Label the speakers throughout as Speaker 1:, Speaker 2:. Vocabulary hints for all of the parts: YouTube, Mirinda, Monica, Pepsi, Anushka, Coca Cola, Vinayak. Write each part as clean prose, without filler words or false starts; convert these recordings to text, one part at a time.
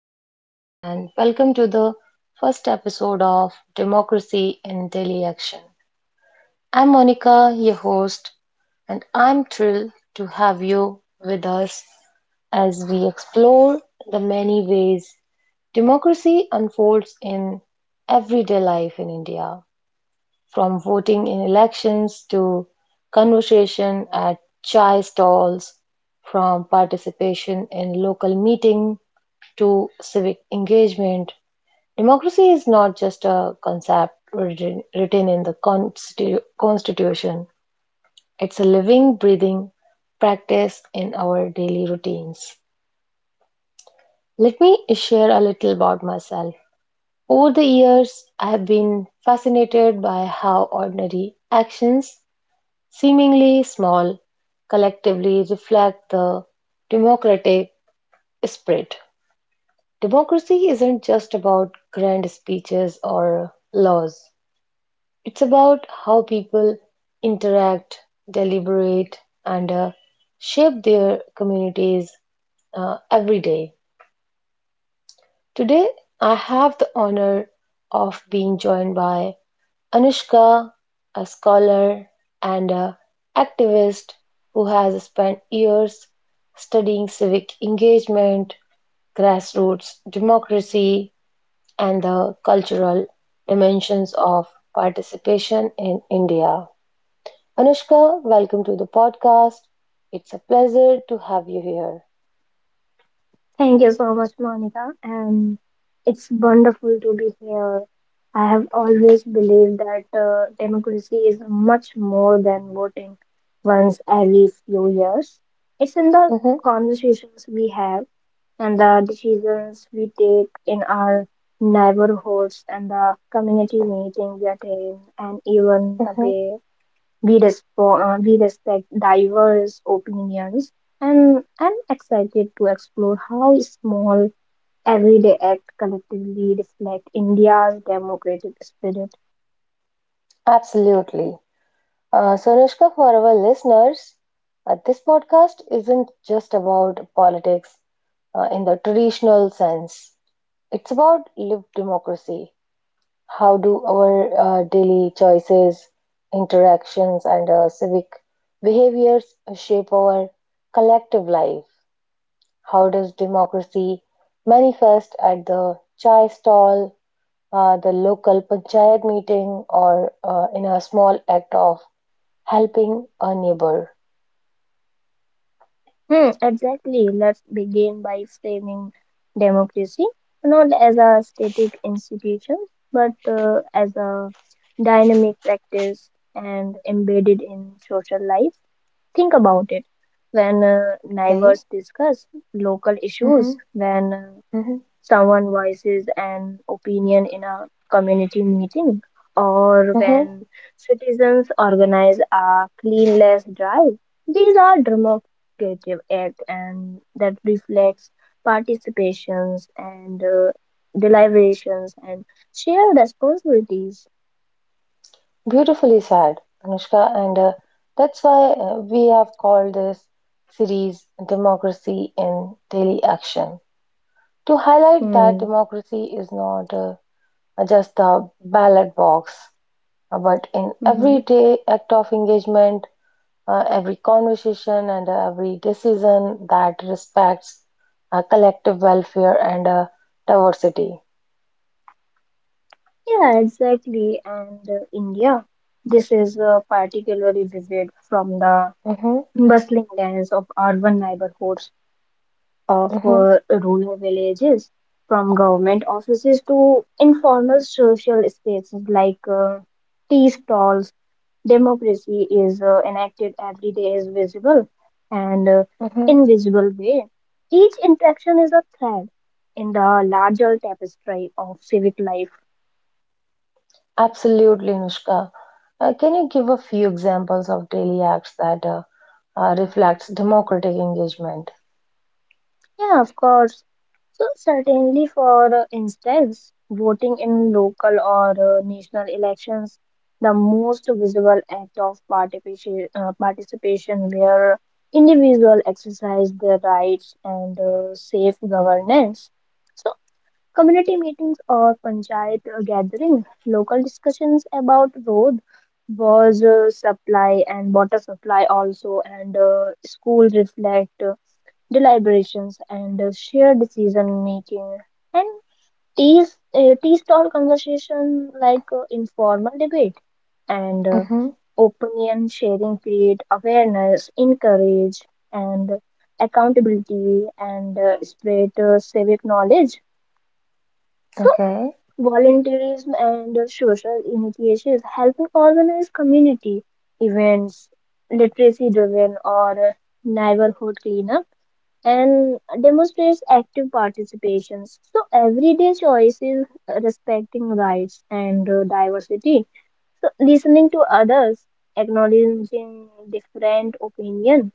Speaker 1: listeners, and welcome to the first episode of Democracy in Daily Action. I'm Monica, your host, and I'm thrilled to have you with us as we explore the many ways democracy unfolds in everyday life in India. From voting in elections to conversation at chai stalls, from participation in local meeting to civic engagement, democracy is not just a concept written in the constitution. It's a living, breathing practice in our daily routines. Let me share a little about myself. Over the years, I have been fascinated by how ordinary actions, seemingly small, collectively reflect the democratic spirit. Democracy isn't just about grand speeches or laws, it's about how people interact, deliberate, and shape their communities every day. Today, I have the honor of being joined by Anushka, a scholar and a activist who has spent years studying civic engagement, grassroots democracy, and the cultural dimensions of participation in India. Anushka, welcome to the podcast. It's a pleasure to have you here.
Speaker 2: Thank you so much, Monica. And it's wonderful to be here. I have always believed that democracy is much more than voting once every few years. It's in the
Speaker 1: Mhm,
Speaker 2: conversations we have and the decisions we take in our neighborhoods and the community meeting we attend and even the
Speaker 1: mhm.
Speaker 2: way we respect diverse opinions, and I'm excited to explore how small everyday acts collectively reflect India's democratic spirit.
Speaker 1: Absolutely. So, Anushka, for our listeners, this podcast isn't just about politics in the traditional sense. It's about lived democracy. How do our daily choices, interactions, and civic behaviors shape our collective life? How does democracy manifest at the chai stall, the local panchayat meeting, or in a small act of helping a neighbor?
Speaker 2: Hmm, exactly. Let's begin by framing democracy not as a static institution but as a dynamic practice and embedded in social life. Think about it. When
Speaker 1: Okay.
Speaker 2: neighbors discuss local issues,
Speaker 1: Mm-hmm.
Speaker 2: when
Speaker 1: Mm-hmm.
Speaker 2: someone voices an opinion in a community meeting, or
Speaker 1: Mm-hmm.
Speaker 2: when citizens organize a clean less drive. These are democratic acts and that reflects participations and deliberations and shared responsibilities.
Speaker 1: Beautifully said, Anushka. And that's why we have called this series Democracy in Daily Action, to highlight that
Speaker 2: Hmm.
Speaker 1: democracy is not just a ballot box, but in
Speaker 2: Mm-hmm.
Speaker 1: everyday act of engagement, every conversation, and every decision that respects collective welfare and diversity.
Speaker 2: Yeah, exactly. And India, this is particularly vivid from the
Speaker 1: Mm-hmm.
Speaker 2: bustling lands of urban neighborhoods of
Speaker 1: Mm-hmm.
Speaker 2: rural villages, from government offices to informal social spaces like tea stalls. Democracy is enacted every day, is visible and
Speaker 1: Mm-hmm.
Speaker 2: invisible way. Each interaction is a thread in the larger tapestry of civic life.
Speaker 1: Absolutely, Anushka. Can you give a few examples of daily acts that reflects democratic engagement?
Speaker 2: Yeah, of course. So, certainly, for instance, voting in local or national elections, the most visible act of participation where individuals exercise their rights and safe governance. So, community meetings or panchayat gathering, local discussions about road, water supply and water supply also, and school reflect, deliberations, and shared decision making. And these tea stall conversation like informal debate and
Speaker 1: Mm-hmm.
Speaker 2: opinion sharing create awareness, encourage, and accountability, and spread civic knowledge. So
Speaker 1: Okay.
Speaker 2: volunteerism and social initiatives helping organize community events, literacy driven or neighborhood cleanups and demonstrates active participations. So everyday choices, respecting rights and diversity. So listening to others, acknowledging different opinion,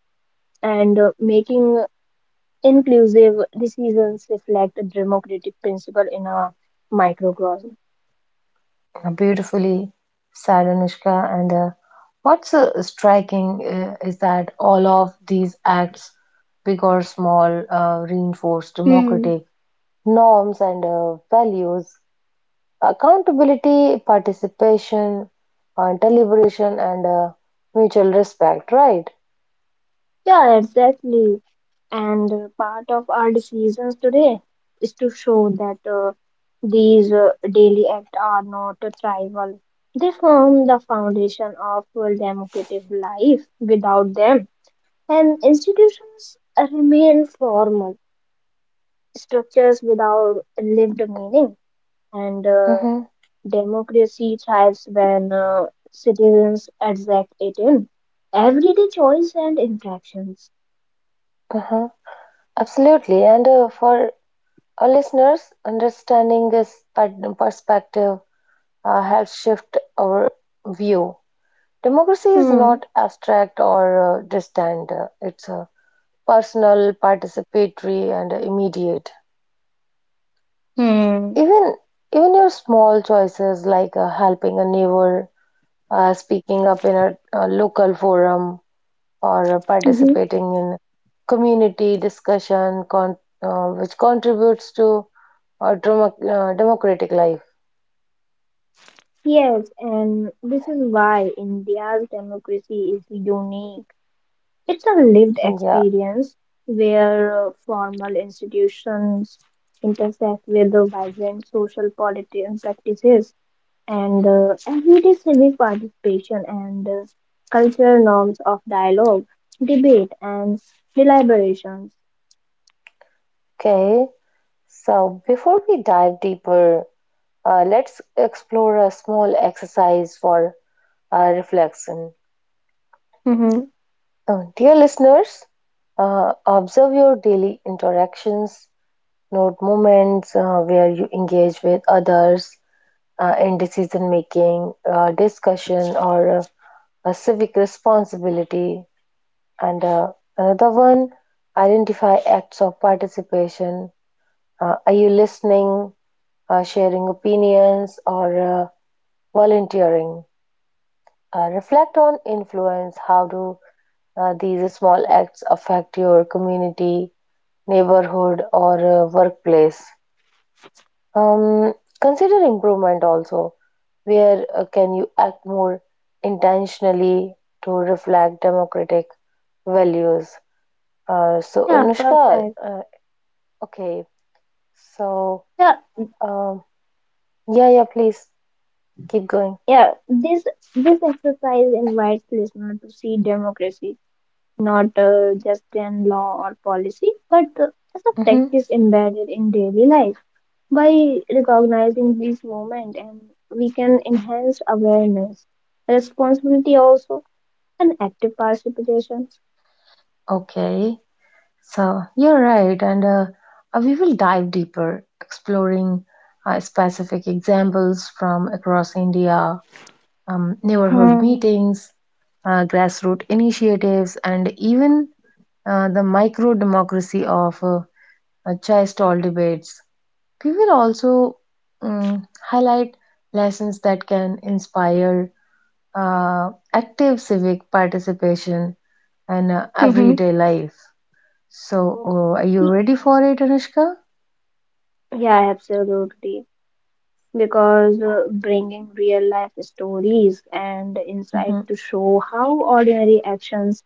Speaker 2: and making inclusive decisions reflect a democratic principle in a microcosm.
Speaker 1: Beautifully said, Anushka. And what's striking is that all of these acts, big or small, reinforce
Speaker 2: Hmm.
Speaker 1: democratic norms and values. Accountability, participation, deliberation, and mutual respect. Right.
Speaker 2: Yeah, exactly. And part of our decisions today is to show that these daily acts are not trivial. They form the foundation of a democratic life. Without them, and institutions remain formal structures without lived meaning. And
Speaker 1: Mm-hmm.
Speaker 2: democracy thrives when citizens exact it in everyday choice and interactions.
Speaker 1: Absolutely. And for our listeners, understanding this perspective helps shift our view. Democracy is
Speaker 2: Hmm.
Speaker 1: not abstract or distant. It's personal, participatory, and immediate.
Speaker 2: Hmm.
Speaker 1: Even even your small choices like helping a neighbor, speaking up in a local forum, or
Speaker 2: Mhm.
Speaker 1: participating in community discussion which contributes to democratic life.
Speaker 2: Yes, and this is why India's democracy is unique. It's a lived
Speaker 1: Yeah,
Speaker 2: experience where formal institutions intersect with the vibrant social political practices and everyday civic participation and cultural norms of dialogue, debate, and deliberations.
Speaker 1: okay. So before we dive deeper, let's explore a small exercise for reflection.
Speaker 2: Mm-hmm.
Speaker 1: Dear listeners, observe your daily interactions, note moments where you engage with others, in decision making, discussion, or a civic responsibility. And another one, identify acts of participation. Are you listening, sharing opinions, or uh, volunteering? Reflect on influence. How do these small acts affect your community, neighborhood, or workplace? Um, Consider improvement also. Where can you act more intentionally to reflect democratic values? So,
Speaker 2: Yeah,
Speaker 1: Anushka,
Speaker 2: perfect.
Speaker 1: okay, so
Speaker 2: Yeah,
Speaker 1: um, yeah, yeah, please keep going.
Speaker 2: yeah. This this exercise invites listeners to see democracy not just in law or policy, but as a
Speaker 1: hmm
Speaker 2: practice embedded in daily life. By recognizing these moments, and we can enhance awareness, responsibility also, and active participation.
Speaker 1: Okay, so you're right, and we will dive deeper, exploring specific examples from across India, neighborhood
Speaker 2: Hmm.
Speaker 1: meetings, grassroots initiatives, and even the micro democracy of chaste-all debates. We will also mm, highlight lessons that can inspire active civic participation in
Speaker 2: Mm-hmm.
Speaker 1: everyday life. So, are you
Speaker 2: Y-
Speaker 1: ready for it, Anushka?
Speaker 2: Yeah, absolutely. Because bringing real life stories and insight
Speaker 1: hmm
Speaker 2: to show how ordinary actions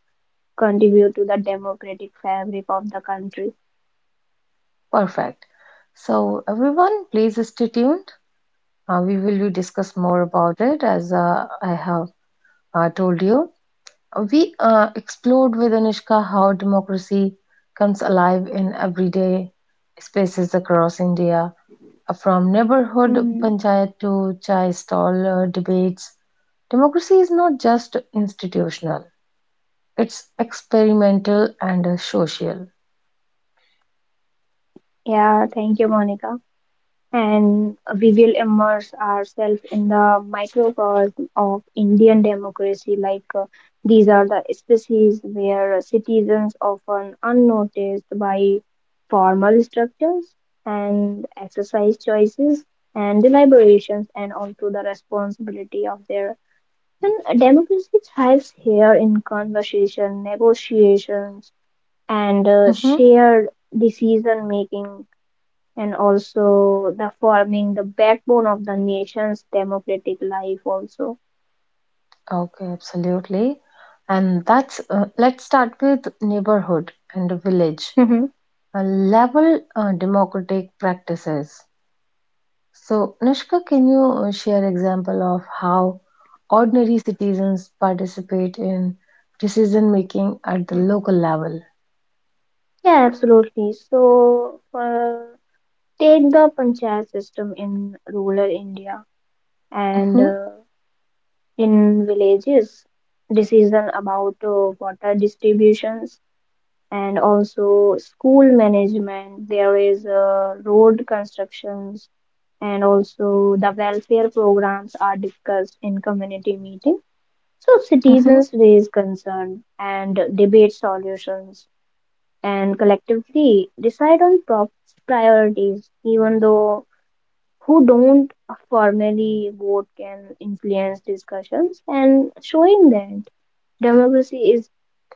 Speaker 2: contribute to the democratic fabric of the country.
Speaker 1: Perfect. So, everyone, please stay tuned. We will be discuss more about it as I have told you. We explored with Anushka how democracy comes alive in everyday spaces across India, from neighborhood
Speaker 2: Hmm.
Speaker 1: panchayat to chai stall debates. Democracy is not just institutional, it's experimental and social.
Speaker 2: Yeah, thank you, Monica. And we will immerse ourselves in the microcosm of Indian democracy. Like these are the species where citizens often unnoticed by formal structures and exercise choices and deliberations and also the responsibility of their, and democracy thrives here in conversation, negotiations, and
Speaker 1: hmm
Speaker 2: shared decision making and also the forming the backbone of the nation's democratic life also.
Speaker 1: Okay, absolutely. And that's Let's start with neighborhood and village
Speaker 2: Hmm
Speaker 1: Uh, level democratic practices. So, Anushka, can you share example of how ordinary citizens participate in decision making at the local level?
Speaker 2: yeah, absolutely. So take the panchayat system in rural India and
Speaker 1: hmm
Speaker 2: in villages, decision about water distributions and also school management, there is road constructions and also the welfare programs are discussed in community meetings. So
Speaker 1: hmm
Speaker 2: citizens raise concern and debate solutions and collectively decide on priorities, even though who don't formally vote can influence discussions, and showing that democracy is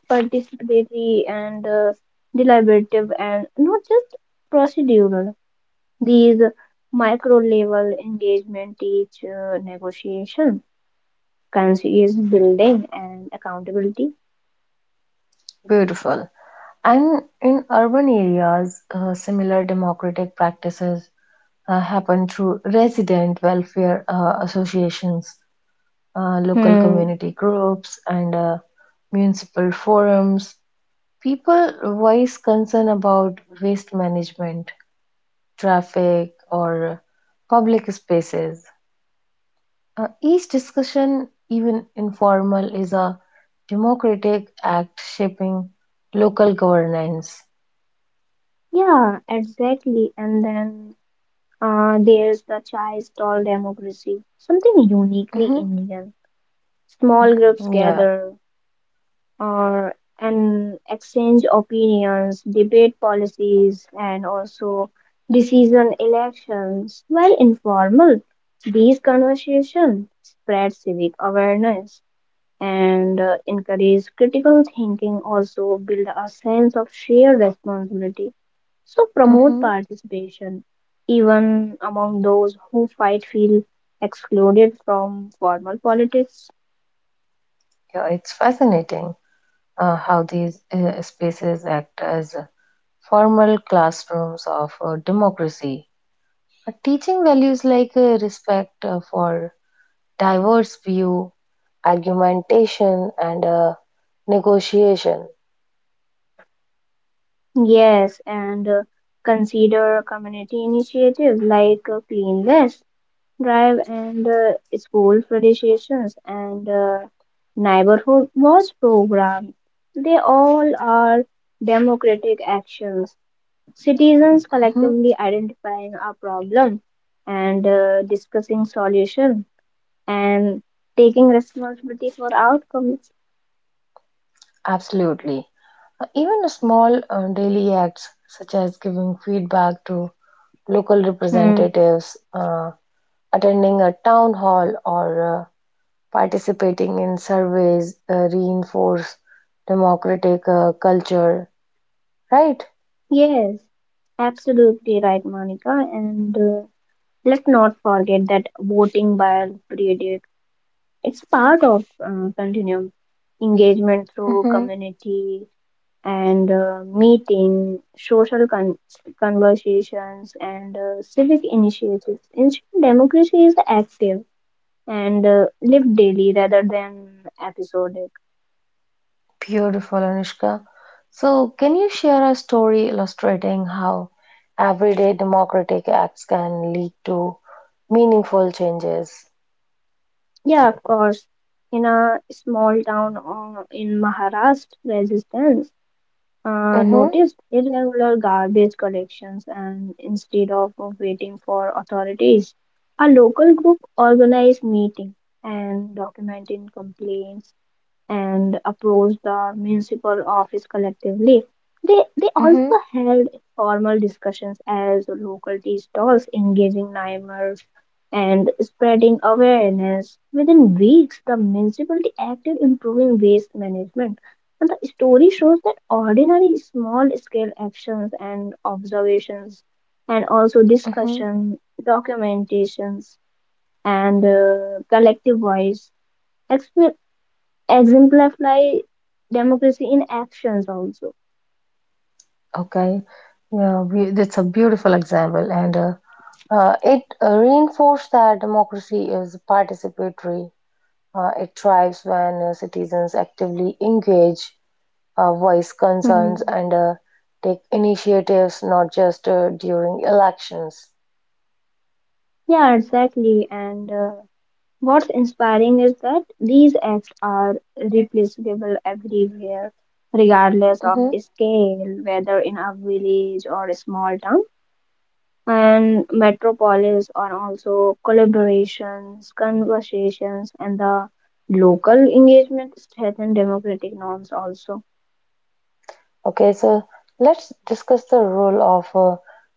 Speaker 2: participatory and deliberative and not just procedural. These micro level engagement teach negotiation, conscious building, and accountability.
Speaker 1: Beautiful. And in urban areas, similar democratic practices happen through resident welfare associations, local
Speaker 2: Hmm.
Speaker 1: community groups, and municipal forums. People voice concern about waste management, traffic, or public spaces. Each discussion, even informal, is a democratic act shaping local governance.
Speaker 2: Yeah, exactly. And then there's the chai stall democracy, something uniquely
Speaker 1: hmm
Speaker 2: Indian. Small groups
Speaker 1: Yeah,
Speaker 2: gather or and exchange opinions, debate policies, and also decision elections. While informal, these conversations spread civic awareness and encourage critical thinking also build a sense of shared responsibility, so promote
Speaker 1: hmm
Speaker 2: participation even among those who fight feel excluded from formal politics.
Speaker 1: yeah, it's fascinating how these spaces act as formal classrooms of democracy. Teaching values like respect for diverse view, argumentation, and negotiation.
Speaker 2: Yes, and consider community initiatives like clean vest drive and school presentations and neighborhood watch program, they all are democratic actions. Citizens
Speaker 1: Mm-hmm.
Speaker 2: collectively identifying a problem and discussing solution and taking responsibility for outcomes.
Speaker 1: Absolutely. Even a small daily acts such as giving feedback to local
Speaker 2: Hmm.
Speaker 1: representatives, attending a town hall, or participating in surveys reinforce democratic culture, right?
Speaker 2: Yes, absolutely right, Monica. And let's not forget that voting by period, it's part of continuum engagement through
Speaker 1: hmm
Speaker 2: community and meeting, social conversations, and civic initiatives. Instant democracy is active and lived daily rather than episodic.
Speaker 1: Beautiful, Anushka. So, can you share a story illustrating how everyday democratic acts can lead to meaningful changes?
Speaker 2: Yeah, of course. In a small town in Maharashtra, resistance
Speaker 1: Mm-hmm,
Speaker 2: noticed irregular garbage collections, and instead of waiting for authorities, a local group organized meeting and documenting complaints and approached the municipal office collectively. They also
Speaker 1: mm-hmm,
Speaker 2: held formal discussions as local tea stalls, engaging neighbors and spreading awareness. Within weeks, the municipality acted improving waste management. And the story shows that ordinary small scale actions and observations and also
Speaker 1: Mm-hmm.
Speaker 2: discussion, documentations and collective voice exp- exemplify democracy in actions also.
Speaker 1: Okay, yeah, that's a beautiful example, and it reinforced that democracy is participatory. It thrives when citizens actively engage, voice concerns,
Speaker 2: Hmm.
Speaker 1: and take initiatives, not just during elections.
Speaker 2: Yeah, exactly. And what's inspiring is that these acts are replaceable everywhere, regardless of
Speaker 1: hmm
Speaker 2: scale, whether in a village or a small town. And metropolis are also collaborations, conversations, and the local engagement strengthen democratic norms also.
Speaker 1: Okay, so let's discuss the role of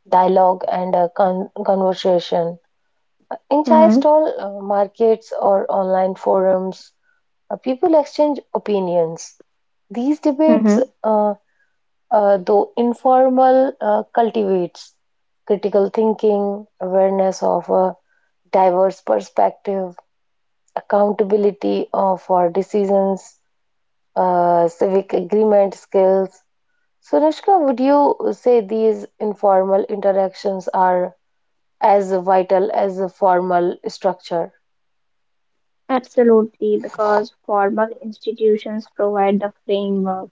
Speaker 1: dialogue and conversation in Chai
Speaker 2: Mm-hmm.
Speaker 1: stall markets or online forums. People exchange opinions. These debates,
Speaker 2: Mhm.
Speaker 1: uh, though informal, cultivates critical thinking, awareness of a diverse perspective, accountability of for decisions, civic agreement skills. So, Rashka, would you say these informal interactions are as vital as the formal structure?
Speaker 2: Absolutely, because formal institutions provide the framework,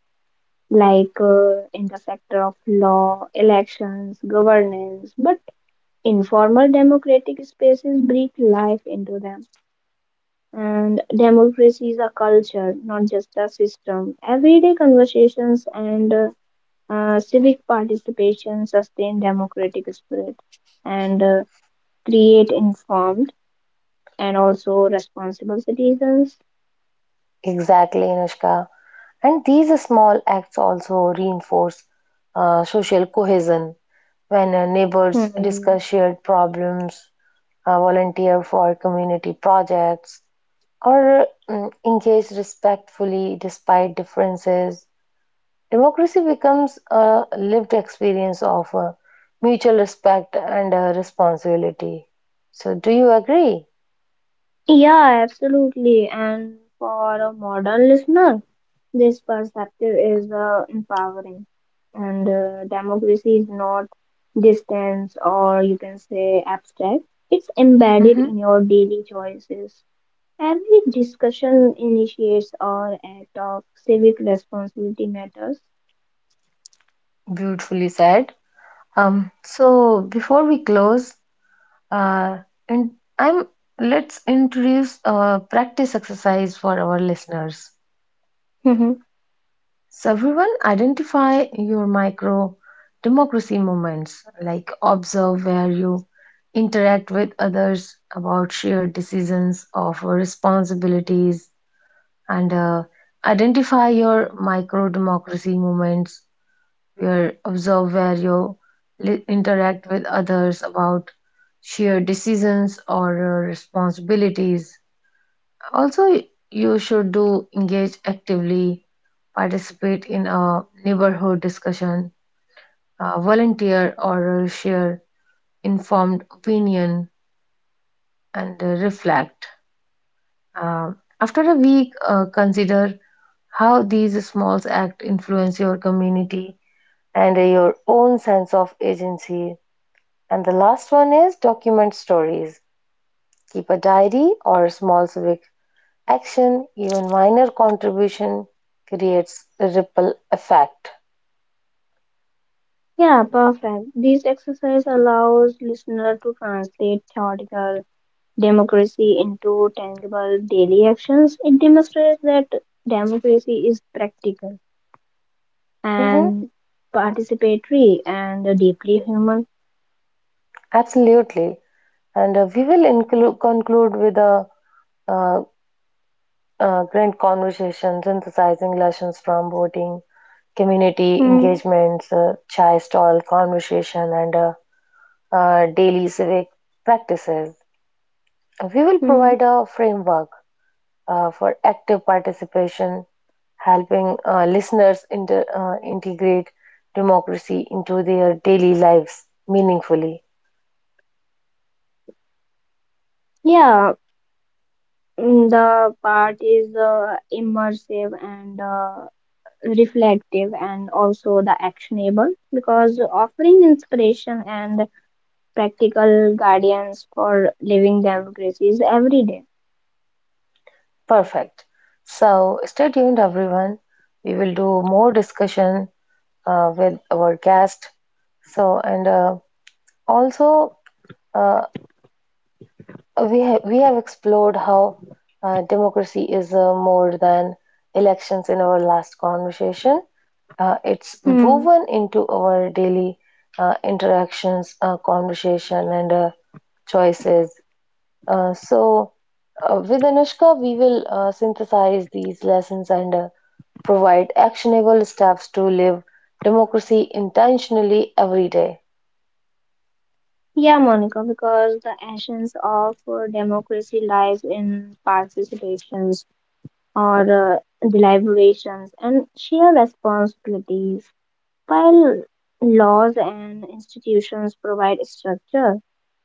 Speaker 2: like in the sector of law, elections, governance, but informal democratic spaces breathe life into them. And democracy is a culture, not just a system. Everyday conversations and civic participation sustain democratic spirit and create informed and also responsible citizens.
Speaker 1: Exactly, Anushka. And these small acts also reinforce social cohesion when neighbors
Speaker 2: Hmm.
Speaker 1: discuss shared problems, volunteer for community projects, or engage respectfully despite differences. Democracy becomes a lived experience of mutual respect and responsibility. So, do you agree?
Speaker 2: Yeah, absolutely. And for a modern listener, this perspective is empowering. And democracy is not distance or you can say abstract, it's embedded
Speaker 1: Mm-hmm.
Speaker 2: in your daily choices. Every discussion initiates or act of civic responsibility matters.
Speaker 1: Beautifully said. So before we close, Uh, and I'm let's introduce a practice exercise for our listeners.
Speaker 2: Mhm.
Speaker 1: So everyone, identify your micro democracy moments, like observe where you interact with others about shared decisions of responsibilities and identify your micro democracy moments where observe where you interact with others about shared decisions or your responsibilities. Also you should do engage actively, participate in a neighborhood discussion, volunteer or share informed opinion, and reflect. Uh, After a week, consider how these small acts influence your community and your own sense of agency. And the last one is document stories. Keep a diary or a small civic action. Even minor contribution creates a ripple effect.
Speaker 2: Yeah, perfect. This exercise allows listener to translate theoretical democracy into tangible daily actions, it demonstrates that democracy is practical
Speaker 1: hmm
Speaker 2: and participatory and deeply human.
Speaker 1: Absolutely. And we will conclude with a uh, grand conversation synthesizing lessons from voting, community
Speaker 2: Hmm.
Speaker 1: engagements, chai stall conversation, and daily civic practices. We will
Speaker 2: mm.
Speaker 1: provide a framework for active participation, helping listeners integrate democracy into their daily lives meaningfully.
Speaker 2: Yeah, the part is immersive and reflective and also the actionable because offering inspiration and practical guidance for living democracies every day.
Speaker 1: Perfect. So stay tuned, everyone. We will do more discussion with our guest. So and also uh, we we have explored how democracy is more than elections in our last conversation. It's
Speaker 2: Hmm.
Speaker 1: woven into our daily interactions, conversation, and choices. Uh, so, with Anushka, we will synthesize these lessons and provide actionable steps to live democracy intentionally every day.
Speaker 2: Yeah, Monica, because the essence of democracy lies in participations or deliberations and shared responsibilities. While laws and institutions provide structure,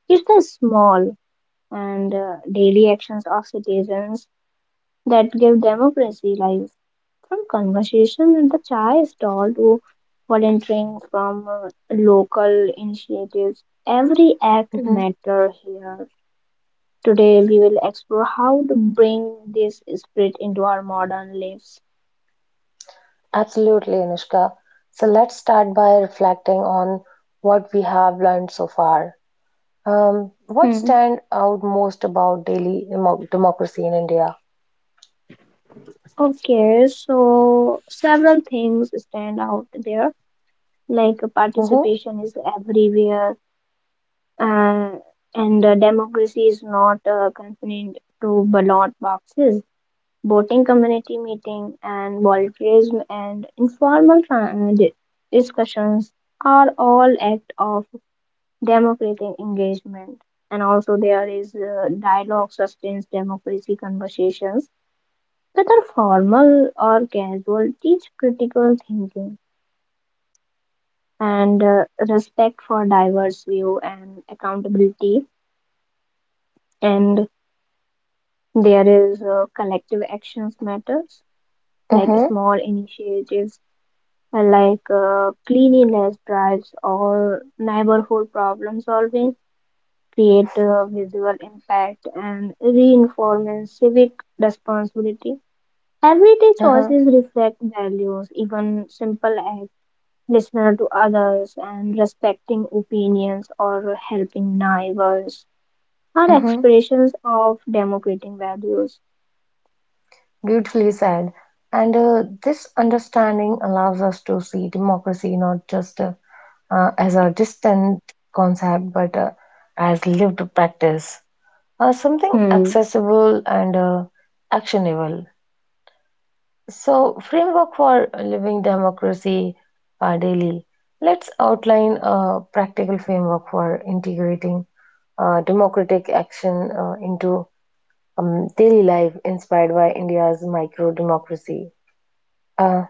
Speaker 2: it's the small and daily actions of citizens that give democracy life. From conversation at the chai stall to volunteering from local initiatives, every act
Speaker 1: Mhm.
Speaker 2: matters here. Today, we will explore how to bring this spirit into our modern lives.
Speaker 1: Absolutely, Anushka. So, let's start by reflecting on what we have learned so far. What
Speaker 2: Hmm.
Speaker 1: stand out most about daily democracy in India?
Speaker 2: Okay, so several things stand out there, like
Speaker 1: Mhm.
Speaker 2: participation is everywhere, uh, and democracy is not confined to ballot boxes. Voting, community meeting and volunteerism and informal discussions are all act of democratic engagement, and also there is dialogue sustains democracy conversations whether formal or casual, teach critical thinking and respect for diverse view and accountability, and there is collective actions matters like
Speaker 1: Mm-hmm,
Speaker 2: small initiatives like cleanliness drives or neighborhood problem solving create a visual impact, and reinforce civic responsibility. Everyday
Speaker 1: uh-huh,
Speaker 2: choices reflect values, even simple acts, listening to others and respecting opinions or helping neighbors are
Speaker 1: mm-hmm.
Speaker 2: expressions of democratic values.
Speaker 1: Beautifully said. And this understanding allows us to see democracy not just as a distant concept, but as lived practice, something
Speaker 2: Hmm.
Speaker 1: accessible and actionable. So, framework for living democracy daily. Let's outline a practical framework for integrating democratic action into daily life inspired by India's micro democracy. Uh,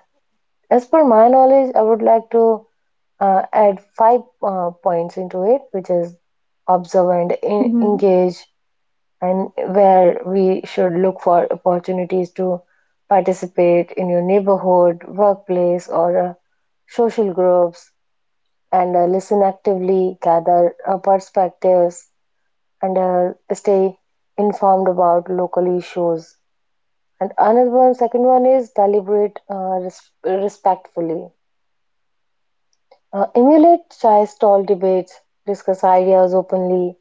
Speaker 1: as per my knowledge, I would like to add five points into it, which is observe and
Speaker 2: hmm
Speaker 1: engage, and where we should look for opportunities to participate in your neighborhood, workplace, or social groups, and listen actively, gather perspectives, and stay informed about local issues. And another one, second one is deliberate respectfully. Emulate Chai's stall debates, discuss ideas openly,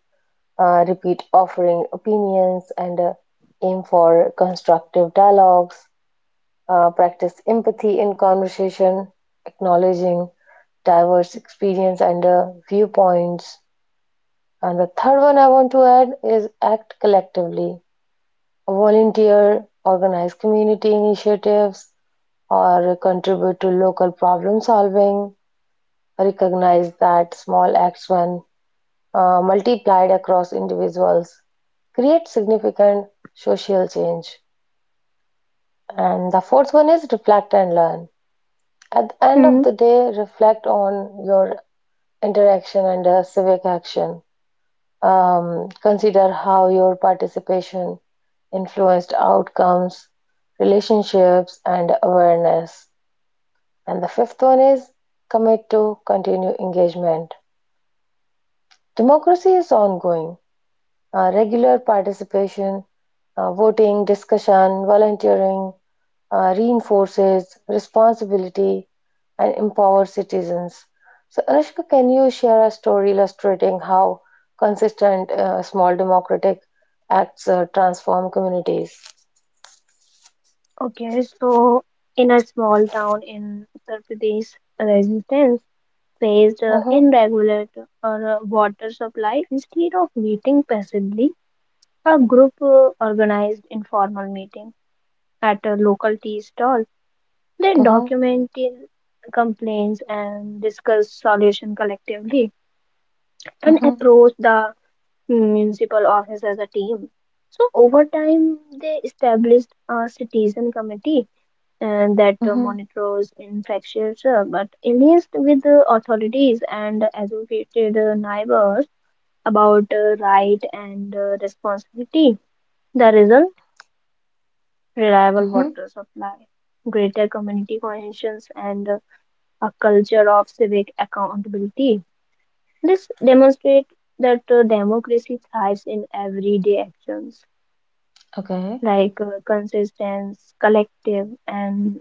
Speaker 1: repeat offering opinions, and aim for constructive dialogues. Practice empathy in conversation, acknowledging diverse experience and viewpoints. And the third one I want to add is act collectively. Volunteer, organize community initiatives, or contribute to local problem solving. Recognize that small acts, when multiplied across individuals, create significant social change. And the fourth one is reflect and learn. At the end of
Speaker 2: hmm
Speaker 1: the day, reflect on your interaction and civic action. Consider how your participation influenced outcomes, relationships, and awareness. And the fifth one is commit to continue engagement. Democracy is ongoing. Regular participation, voting, discussion, volunteering reinforces responsibility and empowers citizens. So, Anushka, can you share a story illustrating how consistent small democratic acts transform communities?
Speaker 2: Okay, so in a small town in Uttar Pradesh, resistance faced
Speaker 1: Mm-hmm,
Speaker 2: in regular water supply, instead of waiting passively. A group organized informal meeting at a local tea stall. They
Speaker 1: mm-hmm,
Speaker 2: documented complaints and discussed solution collectively and
Speaker 1: mm-hmm,
Speaker 2: approached the municipal office as a team. So over time, they established a citizen committee and that
Speaker 1: mm-hmm,
Speaker 2: monitors infectious but liaised with the authorities and associated neighbors about right and responsibility. The result, reliable
Speaker 1: mm-hmm.
Speaker 2: water supply, greater community cohesions, and a culture of civic accountability. This demonstrates that democracy thrives in everyday actions
Speaker 1: Okay.
Speaker 2: like consistent, collective, and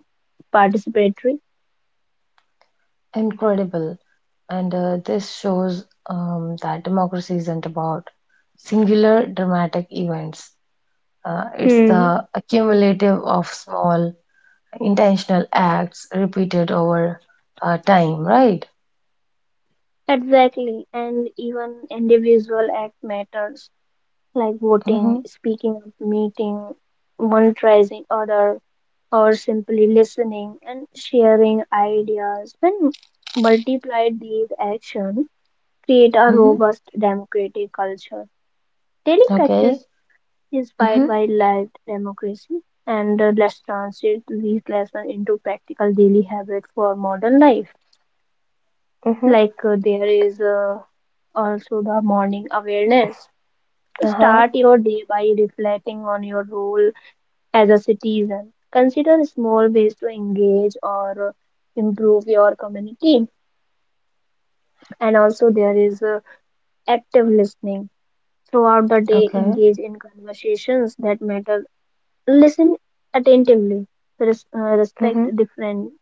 Speaker 2: participatory.
Speaker 1: Incredible. And this shows that democracy isn't about singular dramatic events. It's
Speaker 2: Hmm.
Speaker 1: the accumulative of small intentional acts repeated over time, right?
Speaker 2: Exactly, and even individual act matters like voting,
Speaker 1: Mm-hmm.
Speaker 2: speaking up, meeting, monetizing other or simply listening and sharing ideas, when multiplied, these actions create a
Speaker 1: Mm-hmm.
Speaker 2: robust democratic culture. Daily practice
Speaker 1: Okay. Mm-hmm.
Speaker 2: inspired by live democracy, and let's translate these lessons into practical daily habits for modern life.
Speaker 1: Mm-hmm.
Speaker 2: Like there is also the morning awareness.
Speaker 1: Uh-huh.
Speaker 2: Start your day by reflecting on your role as a citizen. Consider small ways to engage or improve your community. And also, there is active listening. Throughout the day,
Speaker 1: Okay.
Speaker 2: engage in conversations that matter. Listen attentively, respect
Speaker 1: Mm-hmm.
Speaker 2: different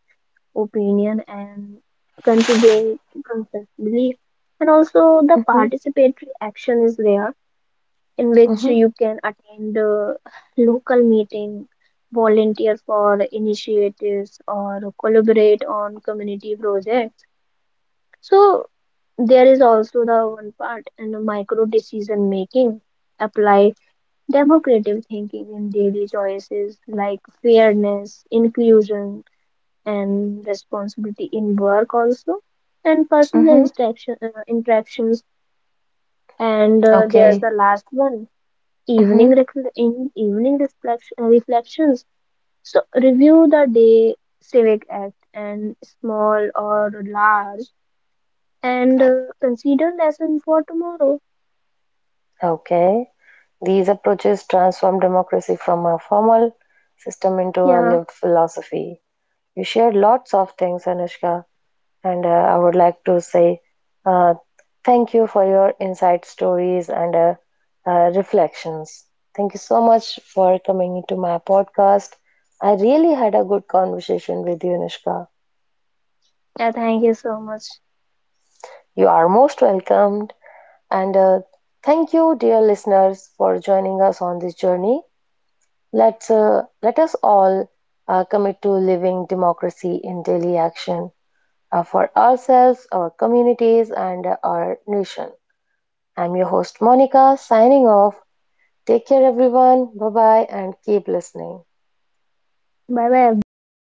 Speaker 2: opinion, and contribute constructively. And also, the
Speaker 1: Mm-hmm.
Speaker 2: participatory action is there, in which
Speaker 1: Mm-hmm.
Speaker 2: you can attend a local meeting, volunteer for initiatives, or collaborate on community projects. So there is also the one part in the micro decision making. Apply democratic thinking in daily choices like fairness, inclusion, and responsibility in work also, and personal
Speaker 1: Mm-hmm.
Speaker 2: interactions. And there's
Speaker 1: Okay.
Speaker 2: the last one,
Speaker 1: Mm-hmm.
Speaker 2: in evening reflections, so review the day civic act and small or large and consider lesson for tomorrow.
Speaker 1: Okay. These approaches transform democracy from a formal system into a
Speaker 2: Yeah.
Speaker 1: lived philosophy. You shared lots of things, Anushka, and I would like to say uh, thank you for your insight stories and reflections. Thank you so much for coming into my podcast. I really had a good conversation with you, Anushka.
Speaker 2: Yeah, thank you so much.
Speaker 1: You are most welcomed. And thank you, dear listeners, for joining us on this journey. Let us all commit to living democracy in daily action, for ourselves, our communities, and our nation. I'm your host, Monica, signing off. Take care, everyone. Bye bye, and keep listening.
Speaker 2: Bye bye, everyone.